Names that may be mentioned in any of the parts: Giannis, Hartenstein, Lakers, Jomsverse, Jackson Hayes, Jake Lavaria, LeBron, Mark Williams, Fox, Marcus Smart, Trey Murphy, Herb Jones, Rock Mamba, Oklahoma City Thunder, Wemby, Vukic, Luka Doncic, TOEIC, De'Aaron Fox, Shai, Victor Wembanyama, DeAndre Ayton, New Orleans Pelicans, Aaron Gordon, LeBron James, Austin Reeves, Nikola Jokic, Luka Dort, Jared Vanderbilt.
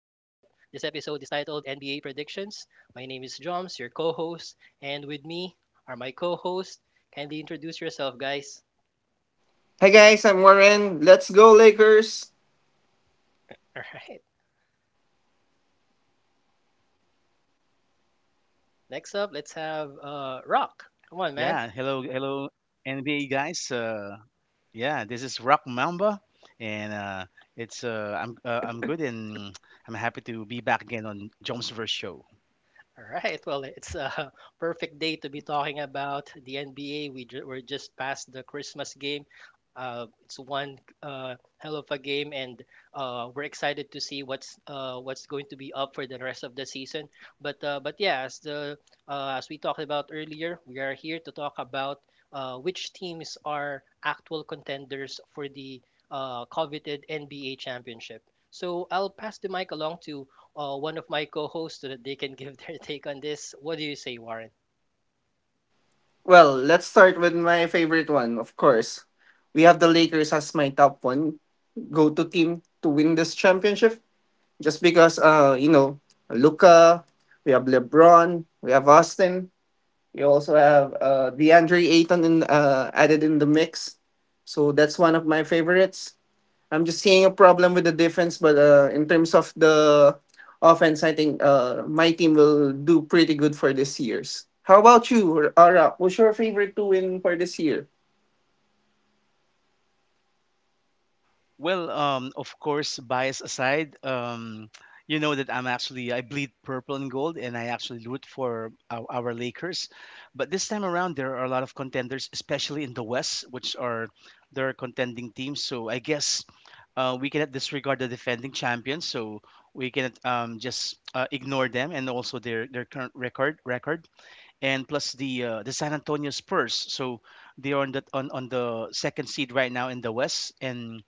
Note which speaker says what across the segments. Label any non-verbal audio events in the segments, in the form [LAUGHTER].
Speaker 1: This episode is titled NBA Predictions. My name is Joms, your co host, and with me are my co host. Kindly introduce yourself, guys.
Speaker 2: Hi guys, I'm Warren. Let's go Lakers.
Speaker 1: [LAUGHS] All right, next up, let's
Speaker 3: Yeah,
Speaker 1: have
Speaker 3: hello, hello,
Speaker 1: Rock. Come on,
Speaker 3: NBA
Speaker 1: man.
Speaker 3: guys. Yeah, this is Rock Mamba, and it's I'm good, and [TSK] I'm happy to be back again on Jones Verse Show.
Speaker 1: All right. Well, it's a [LAUGHS] perfect day to be talking about the NBA. We're just past the Christmas game. It's one hell of a game, and we're excited to see what's going to be up for the rest of the season. But yeah, as we talked about earlier, we are here to talk about which teams are actual contenders for the coveted NBA championship. So I'll pass the mic along to one of my co-hosts so that they can [LAUGHS] give their take on this. What do you say, Warren?
Speaker 2: Well, let's start with my favorite one, of course. We have the Lakers as my top one go-to team to win this championship just because you know, Luca, we have LeBron, we have Austin, we also have DeAndre Ayton in, added in the mix. So that's one of my favorites. I'm just seeing a problem with the defense, but in terms of the offense, I think my team will do pretty good for this year's. How about you, Ara? Who's your favorite to win for this year?
Speaker 3: Of course, bias aside, you know that I bleed purple and gold, and I actually root for our Lakers. But this time around, there are a lot of contenders, especially in the West, which are there are contending teams. So I guess we cannot disregard the defending champions. So we cannot just ignore them, and also their current record, and plus the San Antonio Spurs. So they are on the second seed right now in the West, and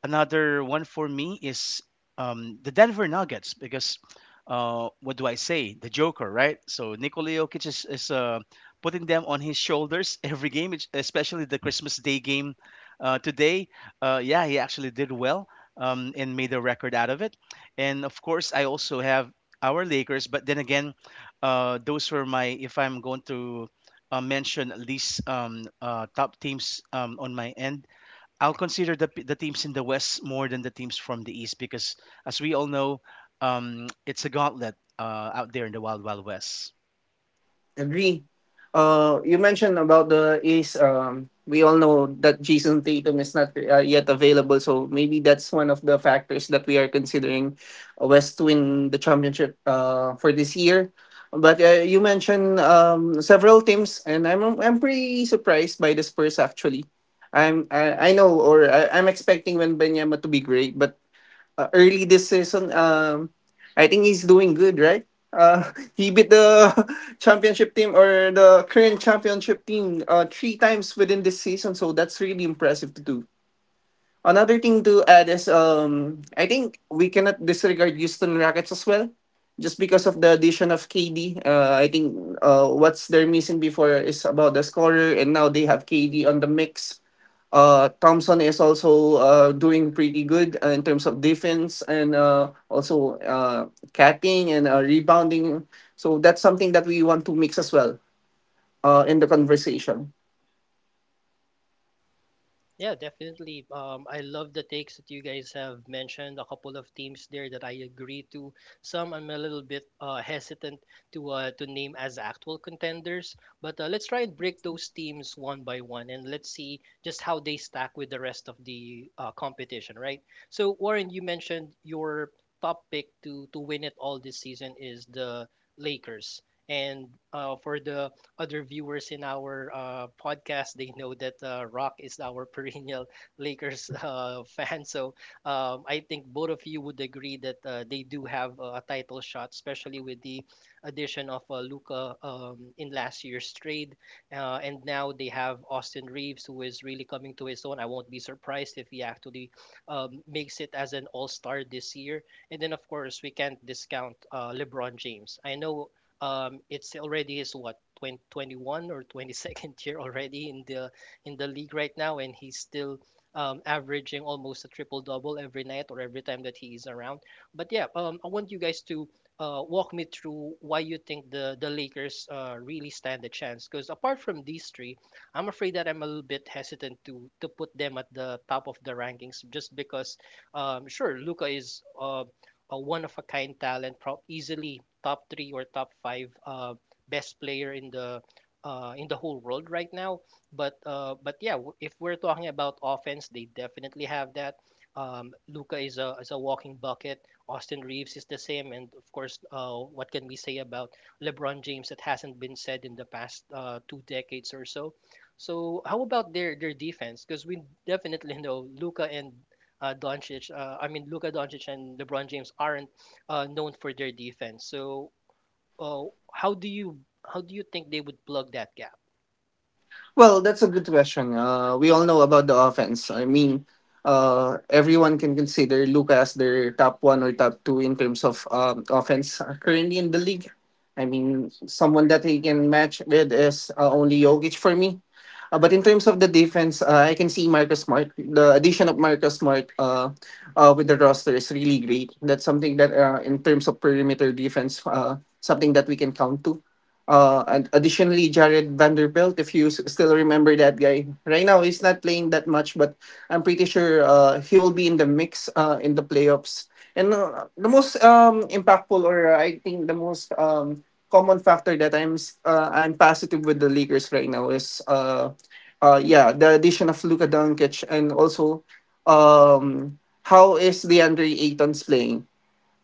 Speaker 3: another one for me is the Denver Nuggets because, what do I say, the Joker, right? So Nikola Jokic is putting them on his shoulders [LAUGHS] every game, which- especially the Christmas Day game today. Yeah, he actually did well and made a record out of it. And of course, I also have our Lakers, but then again, those were my if I'm going to mention at least top teams on my end, I'll consider the teams in the West more than the teams from the East because, as we all know, it's a gauntlet out there in the Wild Wild West.
Speaker 2: Agree. You mentioned about the Ace. We all know that Jason Tatum is not yet available, so maybe that's one of the factors that we are considering West to win the championship for this year. But you mentioned several teams, and I'm pretty surprised by the Spurs actually. I know or I'm expecting Wembanyama to be great, but early this season. I think he's doing good, right? [LAUGHS] He beat the [LAUGHS] championship team or the current championship team three times within this season, so that's really impressive to do. Another thing to add is I think we cannot disregard Houston Rockets as well, just because of the addition of KD. I think what's they're missing before is about the scorer, and now they have KD on the mix Thompson is also doing pretty good in terms of defense and also catching and rebounding. So that's something that we want to mix as well in the conversation.
Speaker 1: Yeah, definitely. I love the takes that you guys have mentioned. A couple of teams there that I agree to. Some I'm a little bit hesitant to name as actual contenders, but let's try and break those teams one by one and let's see just how they stack with the rest of the competition, right? So Warren, you mentioned your top pick to win it all this season is the Lakers, and for the other viewers in our podcast, they know that Rock is our perennial [LAUGHS] Lakers fan. So I think both of you would agree that they do have a title shot, especially with the addition of Luca, in last year's trade. And now they have Austin Reeves, who is really coming to his own. I won't be surprised if he actually makes it as an all star this year. And then, of course, we can't discount LeBron James. I know, it's already his, what, 20 21 or 22nd year already in the league right now, and he's still averaging almost a triple double every night or every time that he is around. But yeah, I want you guys to walk me through why you think the Lakers really stand a chance, because apart from these three, I'm afraid that I'm a little bit hesitant to put them at the top of the rankings, just because, sure, Luka is a one of a kind talent, prob easily top three or top five, best player in the whole world right now. But yeah, if we're talking about offense, they definitely have that. Luca is a walking bucket. Austin Reeves is the same, and of course, what can we say about LeBron James that hasn't been said in the past two decades or so? So how about their defense? Because we definitely [LAUGHS] know I mean Luka Doncic and LeBron James aren't known for their defense. So uh, how do you, how do you think they would plug that gap?
Speaker 2: Well, that's a good question. We all know about the offense. I mean, everyone can consider Luca as their top one or top two in terms of offense currently in the league. I mean, someone that he can match with is only Jokic for me. But in terms of the defense, I can see Marcus Smart. The addition of Marcus Smart with the roster is really great. That's something that, in terms of perimeter defense, something that we can count to. And additionally, Jared Vanderbilt, if you still remember that guy, right now he's not playing that much, but I'm pretty sure he will be in the mix in the playoffs. And the most impactful, or I think the most common factor that I'm positive with the Lakers right now is, yeah, the addition of Luka Doncic, and also how is DeAndre Ayton's playing?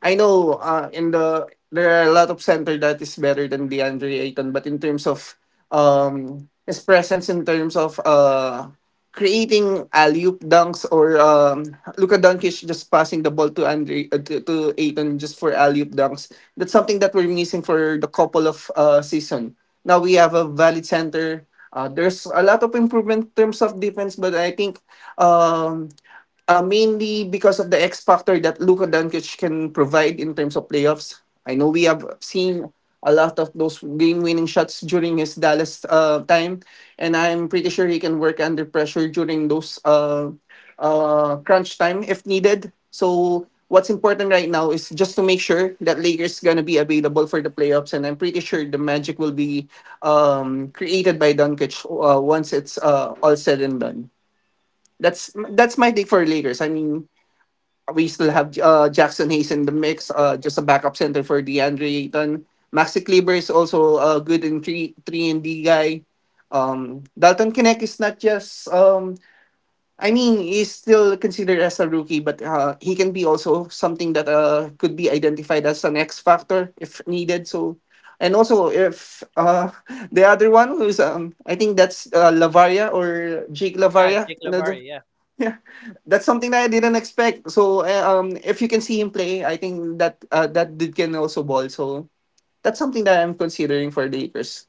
Speaker 2: I know in the there are a lot of center that is better than DeAndre Ayton, but in terms of his presence, in terms of creating alley-oop dunks or Luka Doncic just passing the ball to Andre to Ayton just for alley-oop dunks, that's something that we're missing for the couple of season. Now we have a valid center. There's a lot of improvement in terms of defense, but I think um, mainly because of the X factor that Luka Doncic can provide in terms of playoffs. I know we have seen a lot of those game-winning shots during his Dallas time, and I'm pretty sure he can work under pressure during those crunch time if needed. So what's important right now is just to make sure that Lakers gonna be available for the playoffs, and I'm pretty sure the magic will be created by Doncic once it's all said and done. That's my take for Lakers. I mean, we still have Jackson Hayes in the mix, just a backup center for DeAndre Ayton. Maxi Kleber is also good in three three and D guy. Dalton Kinnick is not just I mean he's still considered as a rookie, but he can be also something that could be identified as an X factor if needed. So and also if [LAUGHS] the other one who's I think that's Lavaria or Jake
Speaker 1: Ah,
Speaker 2: Lavaria.
Speaker 1: Jake
Speaker 2: You know, the,
Speaker 1: Lavari, yeah.
Speaker 2: yeah, that's something that I didn't expect. So if you can see him play, I think that that dude can also ball. So that's something that I'm considering for the Lakers.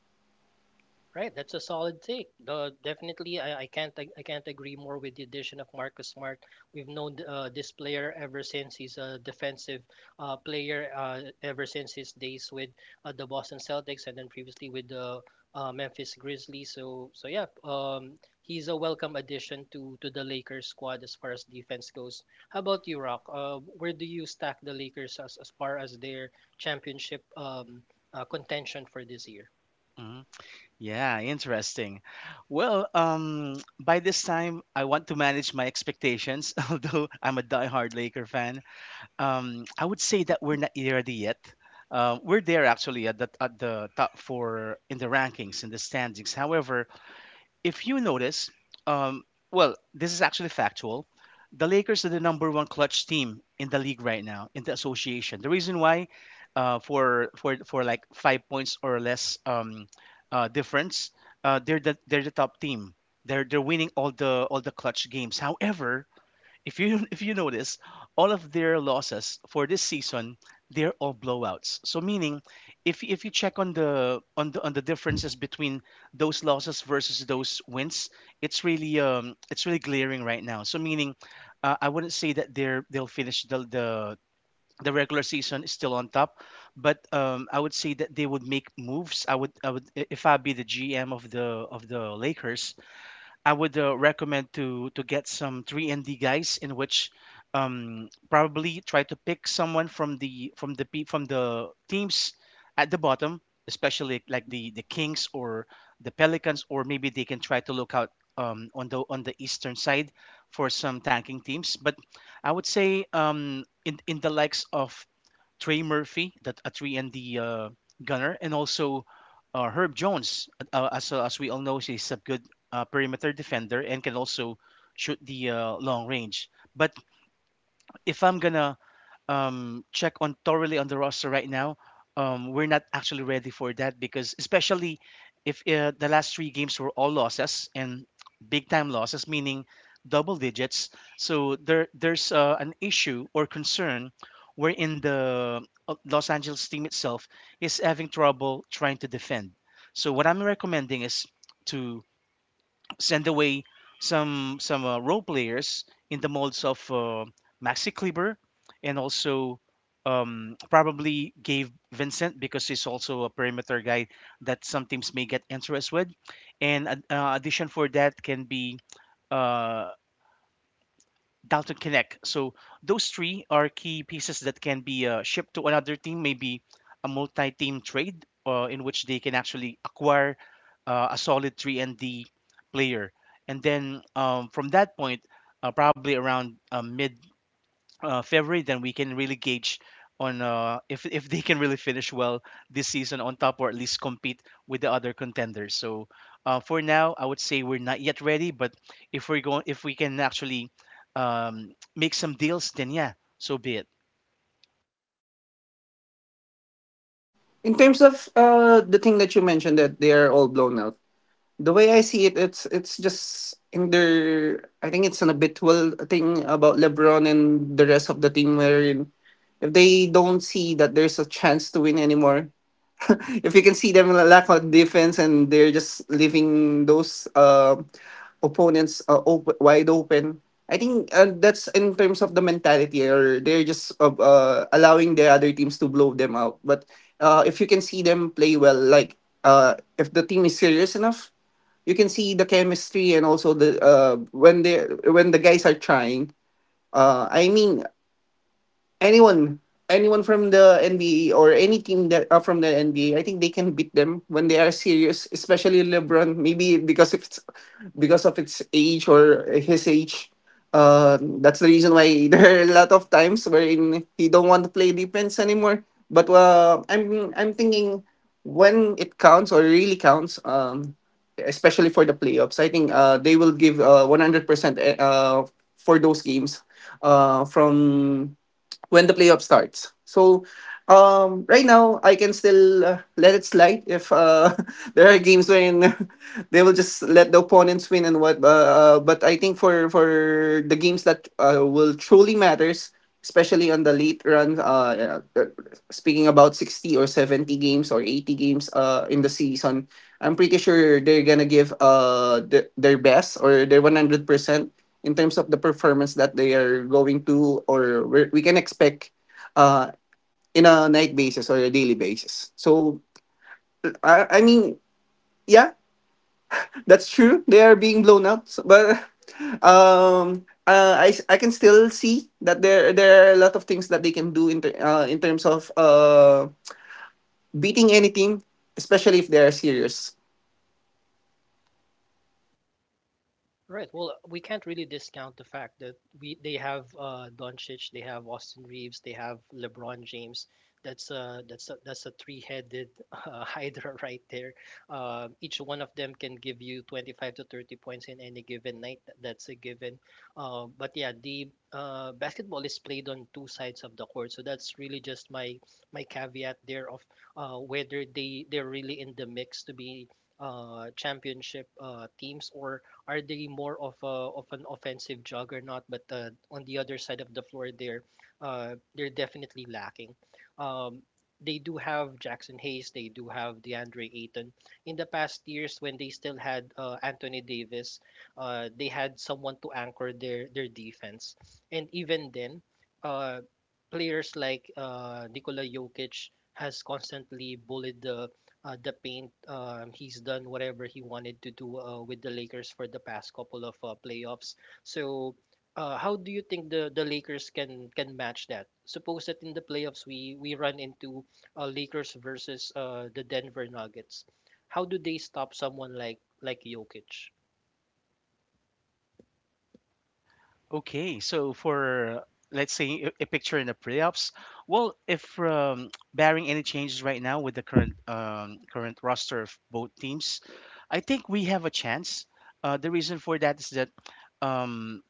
Speaker 1: Right, that's a solid take. Definitely, I can't ag- I can't agree more with the addition of Marcus Smart. We've known this player ever since he's a defensive player, ever since his days with the Boston Celtics and then previously with the Memphis Grizzlies. So yeah, he's a welcome addition to the Lakers squad as far as defense goes. How about you, Rock? Where do you stack the Lakers as far as their championship, contention for this year?
Speaker 3: Mhm. Yeah, interesting. By this time, I want to manage my expectations, [LAUGHS] although I'm a diehard Laker fan. I would say that we're not ready yet. We're there actually at at the top 4 in the rankings, in the standings. However, if you notice, um, this is actually factual. The Lakers are the number 1 clutch team in the league right now in the association. The reason why, for like 5 points or less difference, they're the top team. They're winning all the clutch games. However, if you [LAUGHS] if you notice, all of their losses for this season, they're all blowouts. So meaning, if you check on the differences between those losses versus those wins, it's really glaring right now. So meaning, I wouldn't say that they'll finish the regular season is still on top, but I would say that they would make moves. If I be the GM of the Lakers, I would recommend to get some 3D guys, in which probably try to pick someone from from the teams at the bottom, especially like the Kings or the Pelicans, or maybe they can try to look out on the eastern side for some tanking teams. But I would say in the likes of Trey Murphy, that a 3ND gunner, and also Herb Jones. As we all know, he's a good perimeter defender and can also shoot the long range. But if I'm gonna check on thoroughly on the roster right now, we're not actually ready for that because, especially if the last three games were all losses, and big time losses, meaning double digits. So there there's an issue or concern wherein the Los Angeles team itself is having trouble trying to defend. So what I'm recommending is to send away some role players in the molds of Maxi Kleber, and also probably gave Vincent, because he's also a perimeter guy that some teams may get interested with. And an, addition for that can be uh, Dalton Connect. So those three are key pieces that can be shipped to another team, maybe a multi-team trade in which they can actually acquire a solid 3D player. And then from that point, probably around mid February, then we can really gauge on if they can really finish well this season on top, or at least compete with the other contenders. So for now, I would say we're not yet ready, but if we can actually make some deals, then yeah, so be it.
Speaker 2: In terms of the thing that you mentioned that they are all blown out. The way I see it, it's just in their. I think it's an habitual thing about LeBron and the rest of the team wherein if they don't see that there's a chance to win anymore, [LAUGHS] if you can see them lack of defense and they're just leaving those opponents wide open. I think that's in terms of the mentality, or they're just allowing the other teams to blow them out. But if you can see them play well, like if the team is serious enough, you can see the chemistry and also the when they when the guys are trying. I mean, anyone anyone from the NBA or any team that are from the NBA, I think they can beat them when they are serious, especially LeBron. Maybe because if it's because of its age or his age. That's the reason why [LAUGHS] there are a lot of times wherein he don't want to play defense anymore. But uh, I'm thinking when it counts or really counts, especially for the playoffs, I think they will give 100% uh, for those games from when the playoff starts. So right now, I can still let it slide if [LAUGHS] there are games when [LAUGHS] they will just let the opponents win and what. But I think for the games that will truly matters, especially on the late run, speaking about 60 or 70 games or 80 games in the season, I'm pretty sure they're gonna give their best or their 100% in terms of the performance that they are going to or we can expect uh, in a night basis or a daily basis. So I mean, yeah, that's true. They are being blown out, but [LAUGHS] I, I can still see that there are a lot of things that they can do in terms of beating any team, especially if they are serious.
Speaker 1: Right. Well, we can't really discount the fact that we they have Doncic, they have Austin Reeves, they have LeBron James. That's a three-headed [LAUGHS] hydra right there. Each one of them can give you 25 to 30 points in any given night. That's a given. But yeah, the basketball is played on two sides of the court, so that's really just my caveat there of whether they're really in the mix to be championship teams, or are they more of of an offensive juggernaut? But on the other side of the floor, they're definitely lacking. Um, they do have Jackson Hayes. They do have DeAndre Ayton. In the past years, when they still had Anthony Davis, they had someone to anchor their defense. And even then, uh, players like Nikola Jokic has constantly bullied the the paint. He's done whatever he wanted to do with the Lakers for the past couple of playoffs. So, how do you think the Lakers can match that? Suppose that in the playoffs we run into Lakers versus the Denver Nuggets. How do they stop someone like Jokic?
Speaker 3: Okay, so for let's say a picture in the playoffs, well, if [TSK] barring any changes right now with the current roster of both teams, I think we have a chance. The reason for that is that um,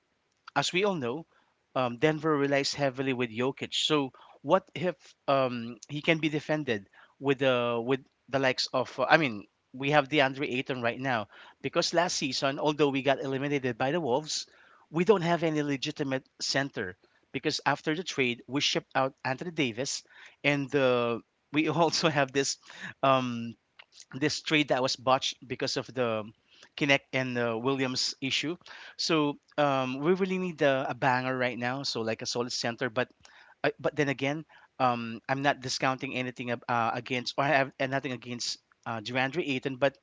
Speaker 3: as we all know, Denver relies heavily with Jokic. So what if he can be defended with the likes of we have DeAndre Ayton right now, because last season, although we got eliminated by the Wolves, we don't have any legitimate center, because after the trade we shipped out Anthony Davis, and we [LAUGHS] also have this um, this trade that was botched because of the Kinect and the Williams issue. So we really need a banger right now. So like a solid center, but then again, I'm not discounting anything against, or I have nothing against Durandre Ayton, but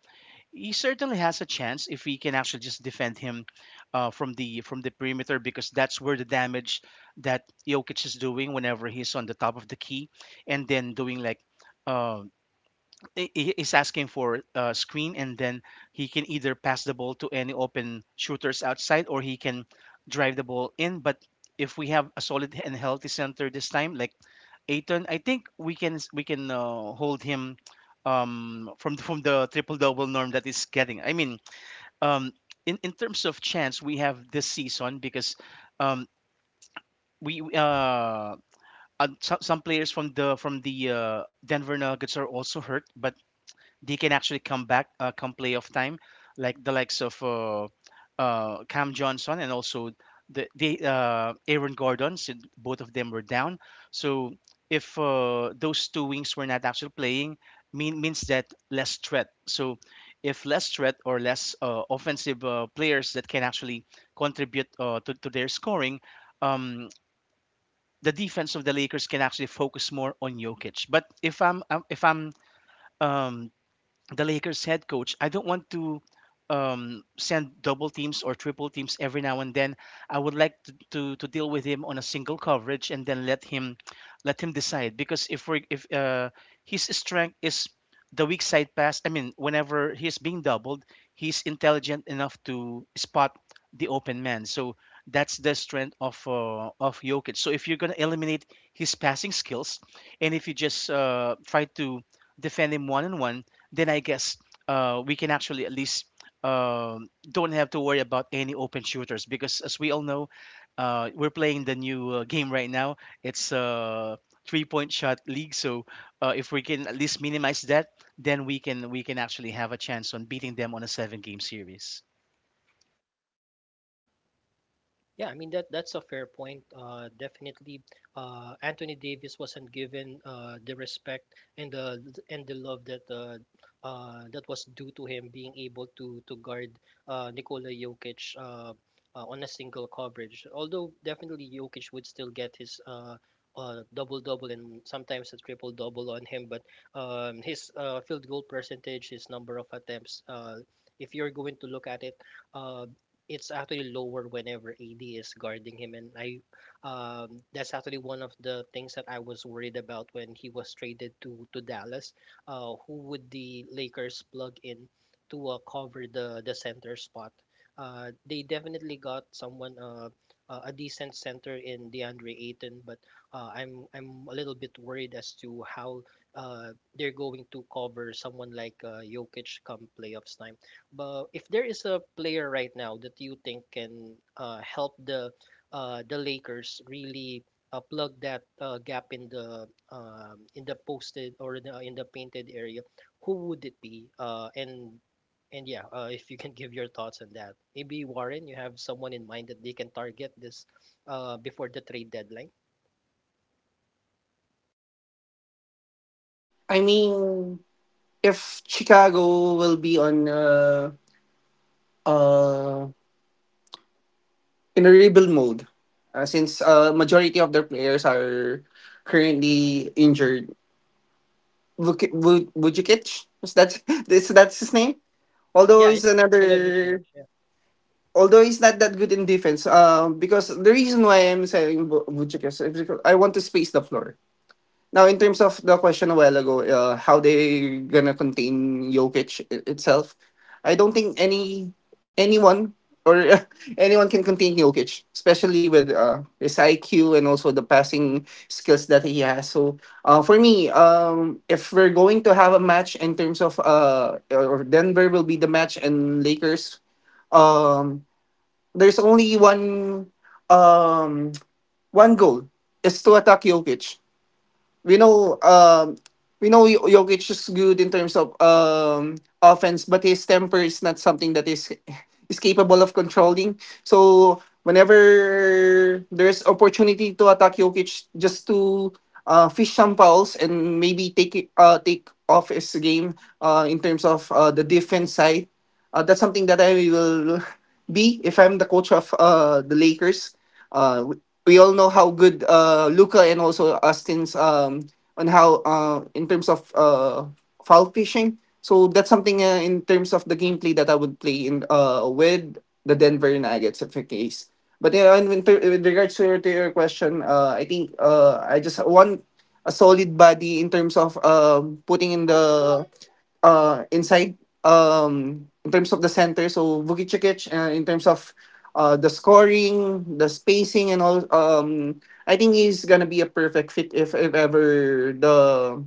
Speaker 3: he certainly has a chance if we can actually just defend him from the perimeter, because that's where the damage that Jokic is doing whenever he's on the top of the key, and then doing like. Uh, is asking for a screen, and then he can either pass the ball to any open shooters outside, or he can drive the ball in. But if we have a solid and healthy center this time, like Aiton, I think we can hold him from from the triple double norm that is getting, I mean, um in terms of chance we have this season, because um we some players from the Denver Nuggets are also hurt, but they can actually come back, come playoff time, like the likes of Cam Johnson, and also the Aaron Gordon. So both of them were down. So if those two wings were not actually playing, mean, means that less threat. So if less threat, or less offensive players that can actually contribute to their scoring. Um, the defense of the Lakers can actually focus more on Jokic. But if I'm um, the Lakers head coach, I don't want to send double teams or triple teams every now and then. I would like to deal with him on a single coverage, and then let him decide, because if we if his strength is the weak side pass. I mean, whenever he's being doubled, he's intelligent enough to spot the open man. So that's the strength of Jokic. So if you're gonna eliminate his passing skills, and if you just try to defend him 1 on 1, then I guess we can actually at least don't have to worry about any open shooters, because, as we all know, we're playing the new game right now. It's a 3-point shot league, so if we can at least minimize that, then we can actually have a chance on beating them on a 7-game series.
Speaker 1: Yeah, I mean that that's a fair point. Definitely, Anthony Davis wasn't given the respect and the love that that was due to him being able to guard Nikola Jokic, on a single coverage. Although definitely Jokic would still get his, double double and sometimes a triple double on him, but his field goal percentage, his number of attempts. If you're going to look at it, Uh, it's actually lower whenever AD is guarding him, and I that's actually one of the things that I was worried about when he was traded to Dallas. Who would the Lakers plug in to cover the center spot? They definitely got someone, a decent center in DeAndre Ayton, but I'm a little bit worried as to how they're going to cover someone like Jokic come playoffs time. But if there is a player right now that you think can help the Lakers really plug that gap in the, in the posted or in the painted area, who would it be? And yeah, if you can give your thoughts on that, maybe Warren, you have someone in mind that they can target this before the trade deadline.
Speaker 2: I mean, if Chicago will be on. Uh in a rebuild mode. Since majority of their players are currently injured, Vukic, is that [LAUGHS] is that's his name? Although
Speaker 1: Yeah, yeah.
Speaker 2: he's
Speaker 1: All of which.
Speaker 2: another, although he's not that good in defense. Because the reason why I'm saying Vukic is because I want to space the floor. Now, in terms of the question a while ago, how they gonna contain Jokic itself? I don't think any anyone or [LAUGHS] anyone can contain Jokic, especially with his IQ and also the passing skills that he has. So, for me, if we're going to have a match in terms of or Denver will be the match and Lakers, um, there's only one um, one goal is to attack Jokic we know um we know Jokic is good in terms of offense, but his temper is not something that is capable of controlling. So whenever there's opportunity to attack Jokic, just to fish some fouls and maybe take it, take off his game in terms of the defense side. That's something that I will be if I'm the coach of the Lakers. Uh, we all know how good Luca and also Austin's on how in terms of foul fishing. So that's something in terms of the gameplay that I would play in with the Denver Nuggets if in case. But yeah, and with regards to to your question, I think I just want a solid body in terms of putting in the inside in terms of the center so Vukicic in terms of the scoring the spacing and all I think he's gonna be a perfect fit if ever the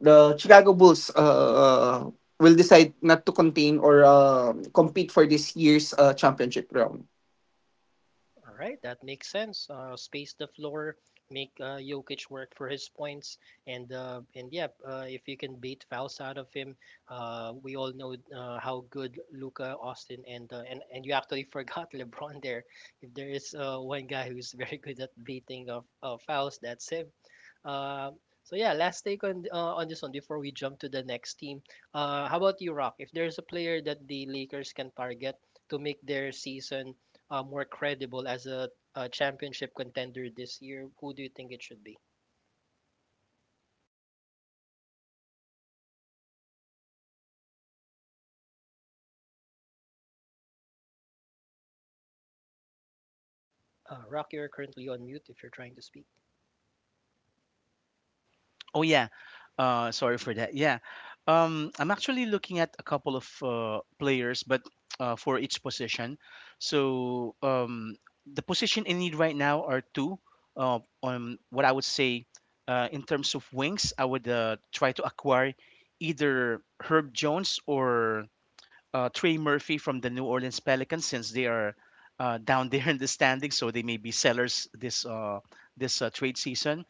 Speaker 2: Chicago Bulls will decide not to contain or compete for this year's championship round.
Speaker 1: All right, that makes sense. Space the floor, make Jokic work for his points, and yeah, if you can bait fouls out of him, we all know how good Luca, Austin, and, and you actually forgot [LAUGHS] LeBron there. If there is one guy who's very good at baiting of fouls, that's him. Um, so yeah, last take on this one before we jump to the next team. How about you, Rock? If there's a player that the Lakers can target to make their season more credible as a championship contender this year, who do you think it should be? Rock, you're currently on mute if you're trying to speak.
Speaker 3: Oh yeah. Sorry for that. Yeah. I'm actually looking at a couple of players, but for each position. So the position in need right now are two. On what I would say, in terms of wings, I would try to acquire either Herb Jones or Trey Murphy from the New Orleans Pelicans, since they are [LAUGHS] down there in the standings, so they may be sellers this trade season.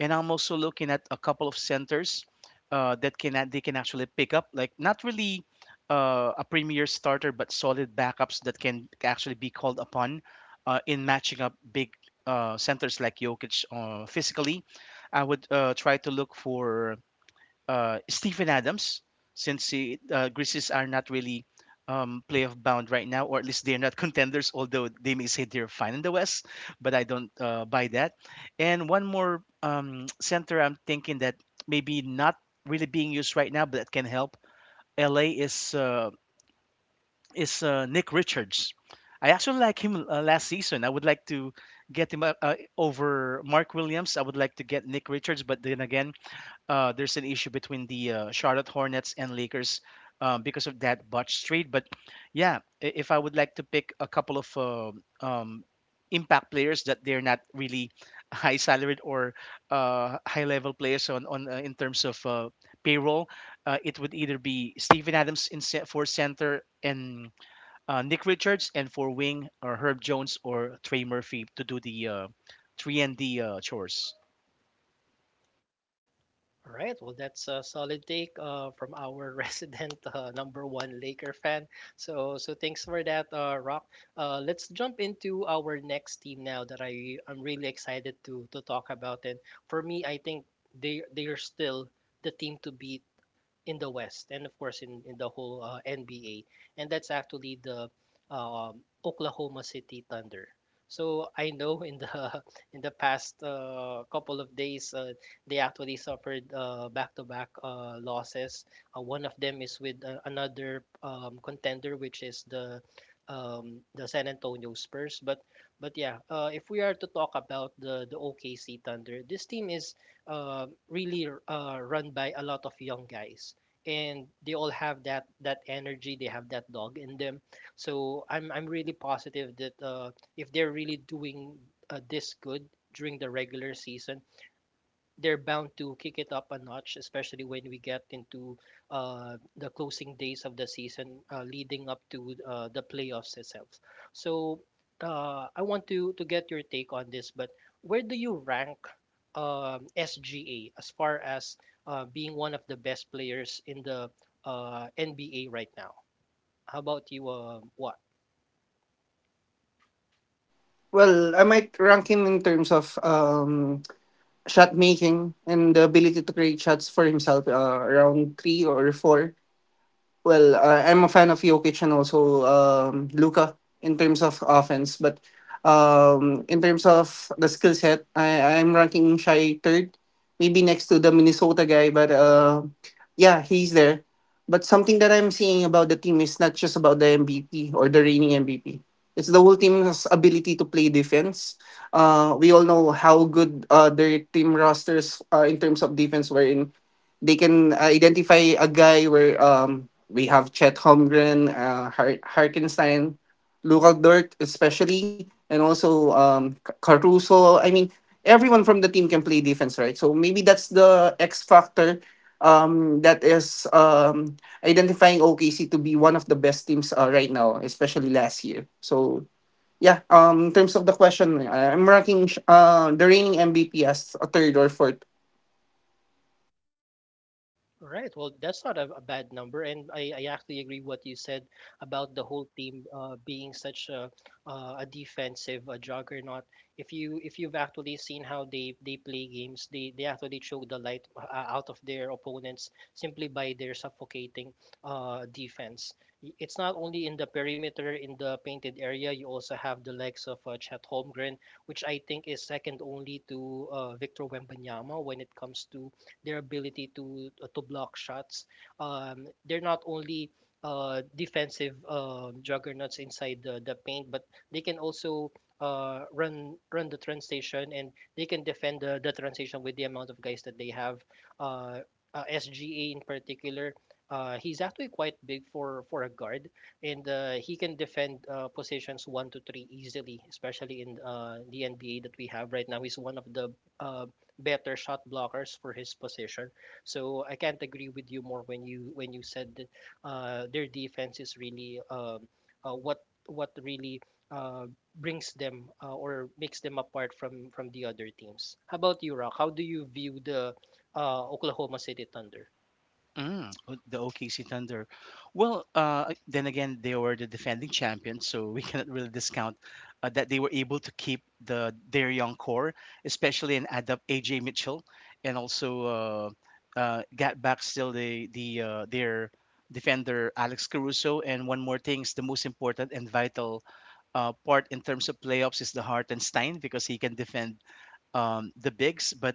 Speaker 3: And I'm also looking at a couple of centers that they can actually pick up, like not really a premier starter, but solid backups that can actually be called upon in matching up big centers like Jokic physically. I would try to look for Stephen Adams, since Grizzlies are not really playoff bound right now, or at least they're not contenders, although they may say they're fine in the West, but I don't buy that. And one more center I'm thinking that maybe not really being used right now, but that can help LA is Nick Richards. I actually like him last season. I would like to get him over Mark Williams. I would like to get Nick Richards, but then again, there's an issue between the Charlotte Hornets and Lakers because of that botched trade. But yeah, if I would like to pick a couple of impact players that they're not really [LAUGHS] high salaried or high level players on in terms of payroll, it would either be Steven Adams for center and Nick Richards, and for wing or Herb Jones or Trey Murphy to do the three and D chores.
Speaker 1: All right. Well, that's a solid take from our [LAUGHS] resident number one Laker fan. So thanks for that, Rock. Let's jump into our next team now that I'm really excited to talk about. And for me, I think they are still the team to beat in the West, and of course in the whole NBA. And that's actually the, Oklahoma City Thunder. So I know in the [LAUGHS] in the past couple of days they actually suffered back-to-back losses. One of them is with another, contender, which is the, the San Antonio Spurs. But yeah, if we are to talk about the OKC Thunder, this team is uh, really run by a lot of young guys, and they all have that energy, they have that dog in them. So I'm really positive that if they're really doing this good during the regular season, they're bound to kick it up a notch, especially when we get into the closing days of the season leading up to the playoffs itself. So I want to get your take on this, but where do you rank, SGA as far as being one of the best players in the NBA right now? How about you, what?
Speaker 2: Well, I might rank him in terms of shot making and the ability to create shots for himself around three or four Well, I'm a fan of Jokic and also Luka in terms of offense, but in terms of the skill set, I'm ranking Shai third, maybe next to the Minnesota guy, but yeah, he's there. But something that I'm seeing about the team is not just about the MVP or the reigning MVP. It's the whole team's ability to play defense. We all know how good their team rosters in terms of defense were they can identify a guy where we have Chet Holmgren, Harkenstein, Luka Dort especially, and also Caruso. I mean, everyone from the team can play defense, right? So maybe that's the X factor that is identifying OKC to be one of the best teams right now, especially last year. So yeah, in terms of the question, I'm ranking the reigning MVP as a third or fourth
Speaker 1: Right. Well, that's not a bad number, and I actually agree what you said about the whole team being such a defensive a juggernaut. If you've actually seen how they play games, they actually choke the light out of their opponents simply by their suffocating defense. It's not only in the perimeter in the painted area. You also have the legs of Chet Holmgren, which I think is second only to Victor Wembanyama when it comes to their ability to block shots. They're not only defensive juggernauts inside the paint, but they can also run the transition and they can defend the transition with the amount of guys that they have. Uh, SGA in particular, he's actually quite big for a guard, and he can defend positions one to three easily, especially in the NBA that we have right now. He's one of the better shot blockers for his position. So I can't agree with you more when you said that their defense is really uh, what what really uh, brings them or makes them apart from the other teams. How about you, Rock? How do you view the Oklahoma City Thunder?
Speaker 3: The OKC Thunder. Well, then again, they were the defending champions, so we [LAUGHS] cannot really discount that they were able to keep their young core, especially, and add up AJ Mitchell, and also got back still their defender Alex Caruso. And one more thing is the most important and vital part in terms of playoffs is the Hartenstein, because he can defend the bigs. But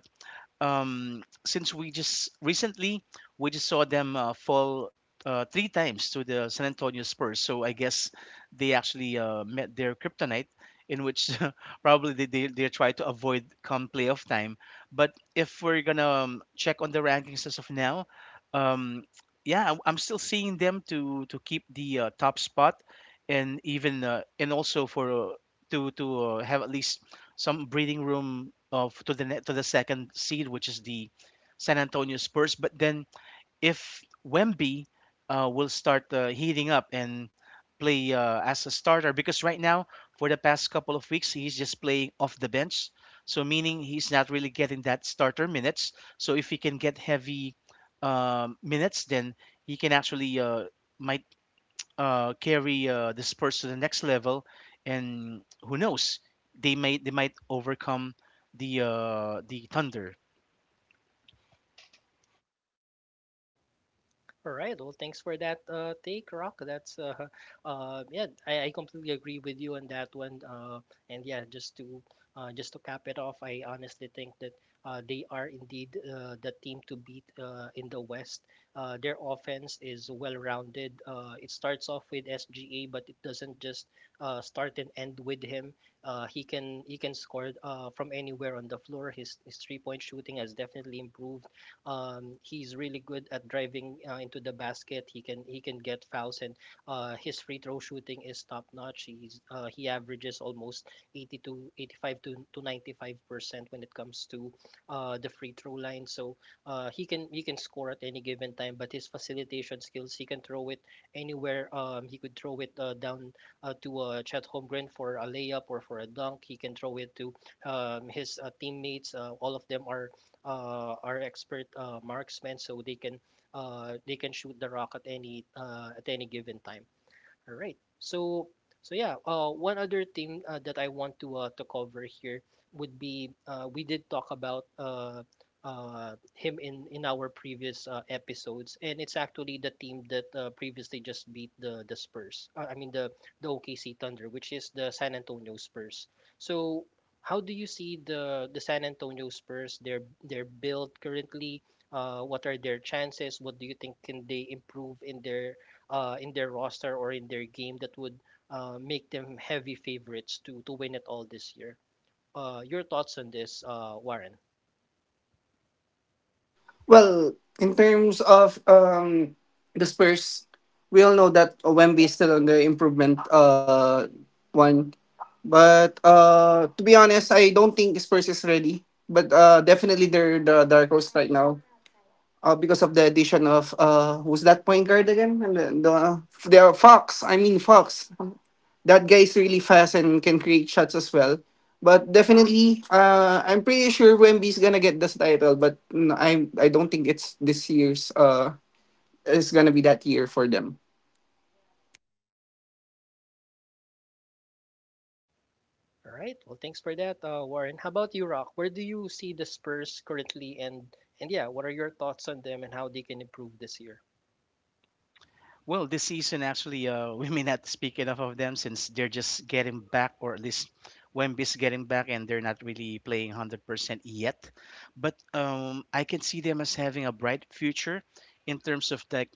Speaker 3: since we just recently we just saw them fall three times to the San Antonio Spurs. So I guess they actually met their kryptonite, in which [LAUGHS] probably they try to avoid come playoff time. But if we're gonna check on the rankings as of now, um, yeah, I'm still seeing them to keep the top spot, and even and also for to have at least some breathing room of to the to the second seed, which is the San Antonio Spurs. But then if Wemby will start heating up and play as a starter, because right now for the past couple of weeks he's just playing off the bench, so meaning he's not really getting that starter minutes. So if he can get heavy minutes, then he can actually might carry this person to the next level, and who knows, they might overcome the thunder.
Speaker 1: All right. Well, thanks for that take, Rock. That's [LAUGHS] yeah, I completely agree with you on that one. And yeah, just to cap it off, I honestly think that they are indeed the team to beat in the West. Their offense is well-rounded. It starts off with SGA, but it doesn't just start and end with him. He can score from anywhere on the floor. His three-point shooting has definitely improved. He's really good at driving into the basket. He can get fouls, and his free throw shooting is top notch. He averages almost 80 to 85 to 95% when it comes to the free throw line. So he can score at any given time, but his facilitation skills, he can throw it anywhere. He could throw it down to Chet Holmgren for a layup or for a dunk. He can throw it to his teammates. All of them are expert marksmen, so they can shoot the rock at any given time. All right. So yeah, one other thing that I want to cover here would be we did talk about him in our previous episodes, and it's actually the team that previously just beat the Spurs. I mean the OKC Thunder, which is the San Antonio Spurs. So how do you see the San Antonio Spurs, their build currently? What are their chances? What do you think can they improve in their roster or in their game that would make them heavy favorites to win it all this year? Your thoughts on this, Warren?
Speaker 2: Well, in terms of the Spurs, we all know that Wemby is still on the improvement one. But to be honest, I don't think Spurs is ready. But definitely they're the dark horse right now. Because of the addition of who's that point guard again? And the Fox. I mean Fox. That guy is really fast and can create shots as well. But definitely, I'm pretty sure Wemby is gonna get this title. But mm, I don't think it's this year's it's gonna be that year for them.
Speaker 1: All right. Well, thanks for that, Warren. How about you, Rock? Where do you see the Spurs currently, and yeah, what are your thoughts on them and how they can improve this year?
Speaker 3: Well, this season, actually, [LAUGHS] we may not speak enough of them since they're just getting back, or at least Wemby's getting back, and they're not really playing 100% yet. But I can see them as having a bright future in terms of like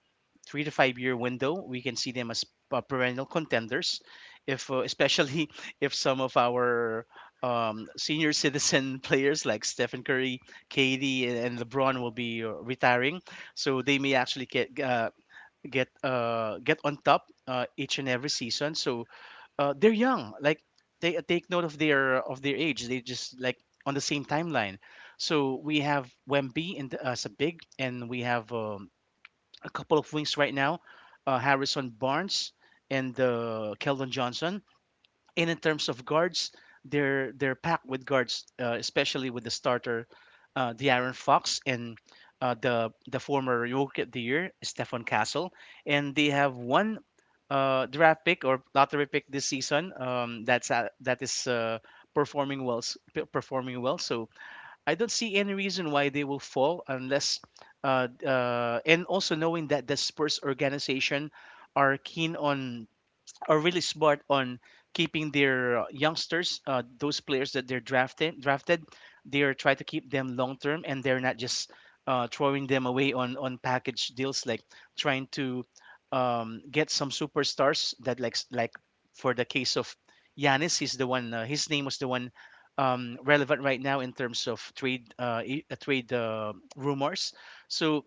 Speaker 3: 3 to 5 year window. We can see them as perennial contenders, if especially [LAUGHS] if some of our senior citizen [LAUGHS] players like Stephen Curry, KD, and LeBron will be retiring, so they may actually get. Get get on top each and every season. So they're young. Like, they take note of their age. They just like on the same timeline. So we have Wemby and as a big, and we have a couple of wings right now, Harrison Barnes and Keldon Johnson. And in terms of guards, they're packed with guards, especially with the starter, De'Aaron Fox and the former Rookie of the Year, Stefan Castle, and they have one draft pick or lottery pick this season. That is performing well, performing well. So I don't see any reason why they will fall. Unless, uh, uh, and also, knowing that the Spurs organization are keen on are really smart on keeping their youngsters, those players that they're drafted, they're trying to keep them long term, and they're not just throwing them away on package deals, like trying to get some superstars. That, like for the case of Giannis, he's the one. His name was the one relevant right now in terms of trade rumors. So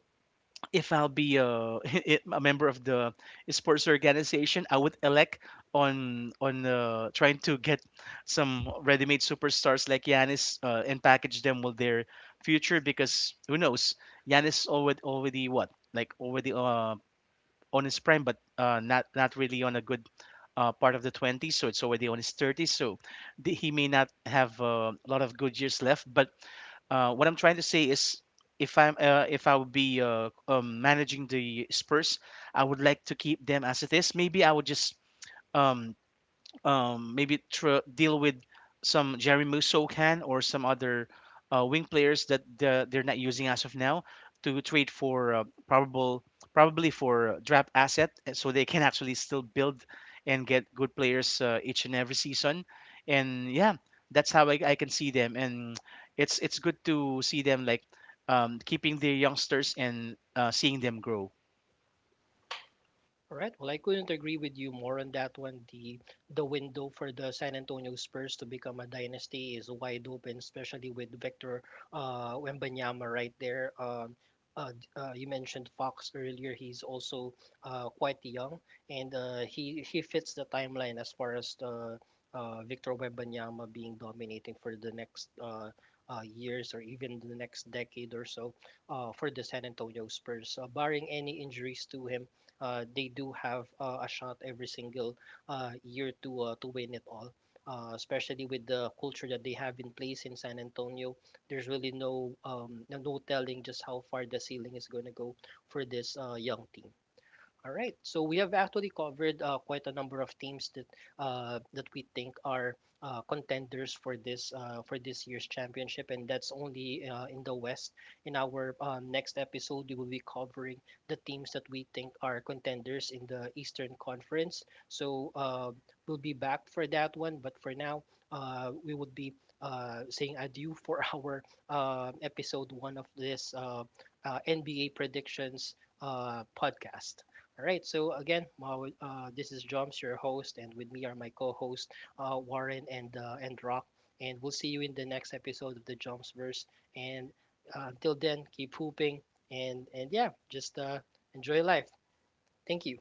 Speaker 3: if I'll be a, [LAUGHS] a member of the sports organization, I would elect on trying to get some ready-made superstars like Yanis and package them with their future, because who knows? Yanis already what, like, already on his prime, but not not really on a good. Part of the 20s, so it's already on his 30s, so the, he may not have a lot of good years left. But what I'm trying to say is, if I would be managing the Spurs, I would like to keep them as it is. Maybe I would just um, deal with some Jerry Musso can or some other wing players that they're not using as of now, to trade for probable probably for draft asset, so they can actually still build and get good players each and every season. And yeah, that's how I can see them. And it's good to see them, like, keeping their youngsters and seeing them grow.
Speaker 1: All right. Well, I couldn't agree with you more on that one. The window for the San Antonio Spurs to become a dynasty is wide open, especially with Victor Wembanyama right there. You mentioned Fox earlier. He's also quite young, and he fits the timeline as far as the Victor Wembanyama being dominating for the next years or even the next decade or so for the San Antonio Spurs. Barring any injuries to him, they do have a shot every single year to win it all. Especially with the culture that they have in place in San Antonio, there's really no no telling just how far the ceiling is going to go for this young team. All right. So we have actually covered quite a number of teams that that we think are contenders for this year's championship, and that's only in the West. In our next episode, we will be covering the teams that we think are contenders in the Eastern Conference. So we'll be back for that one. But for now, we would be saying adieu for [LAUGHS] our episode one of this NBA predictions podcast. All right, so again, this is Joms, your host, and with me are my co-host Warren and Rock, and we'll see you in the next episode of the Jomsverse. And until then, keep hooping, and yeah, just enjoy life. Thank you.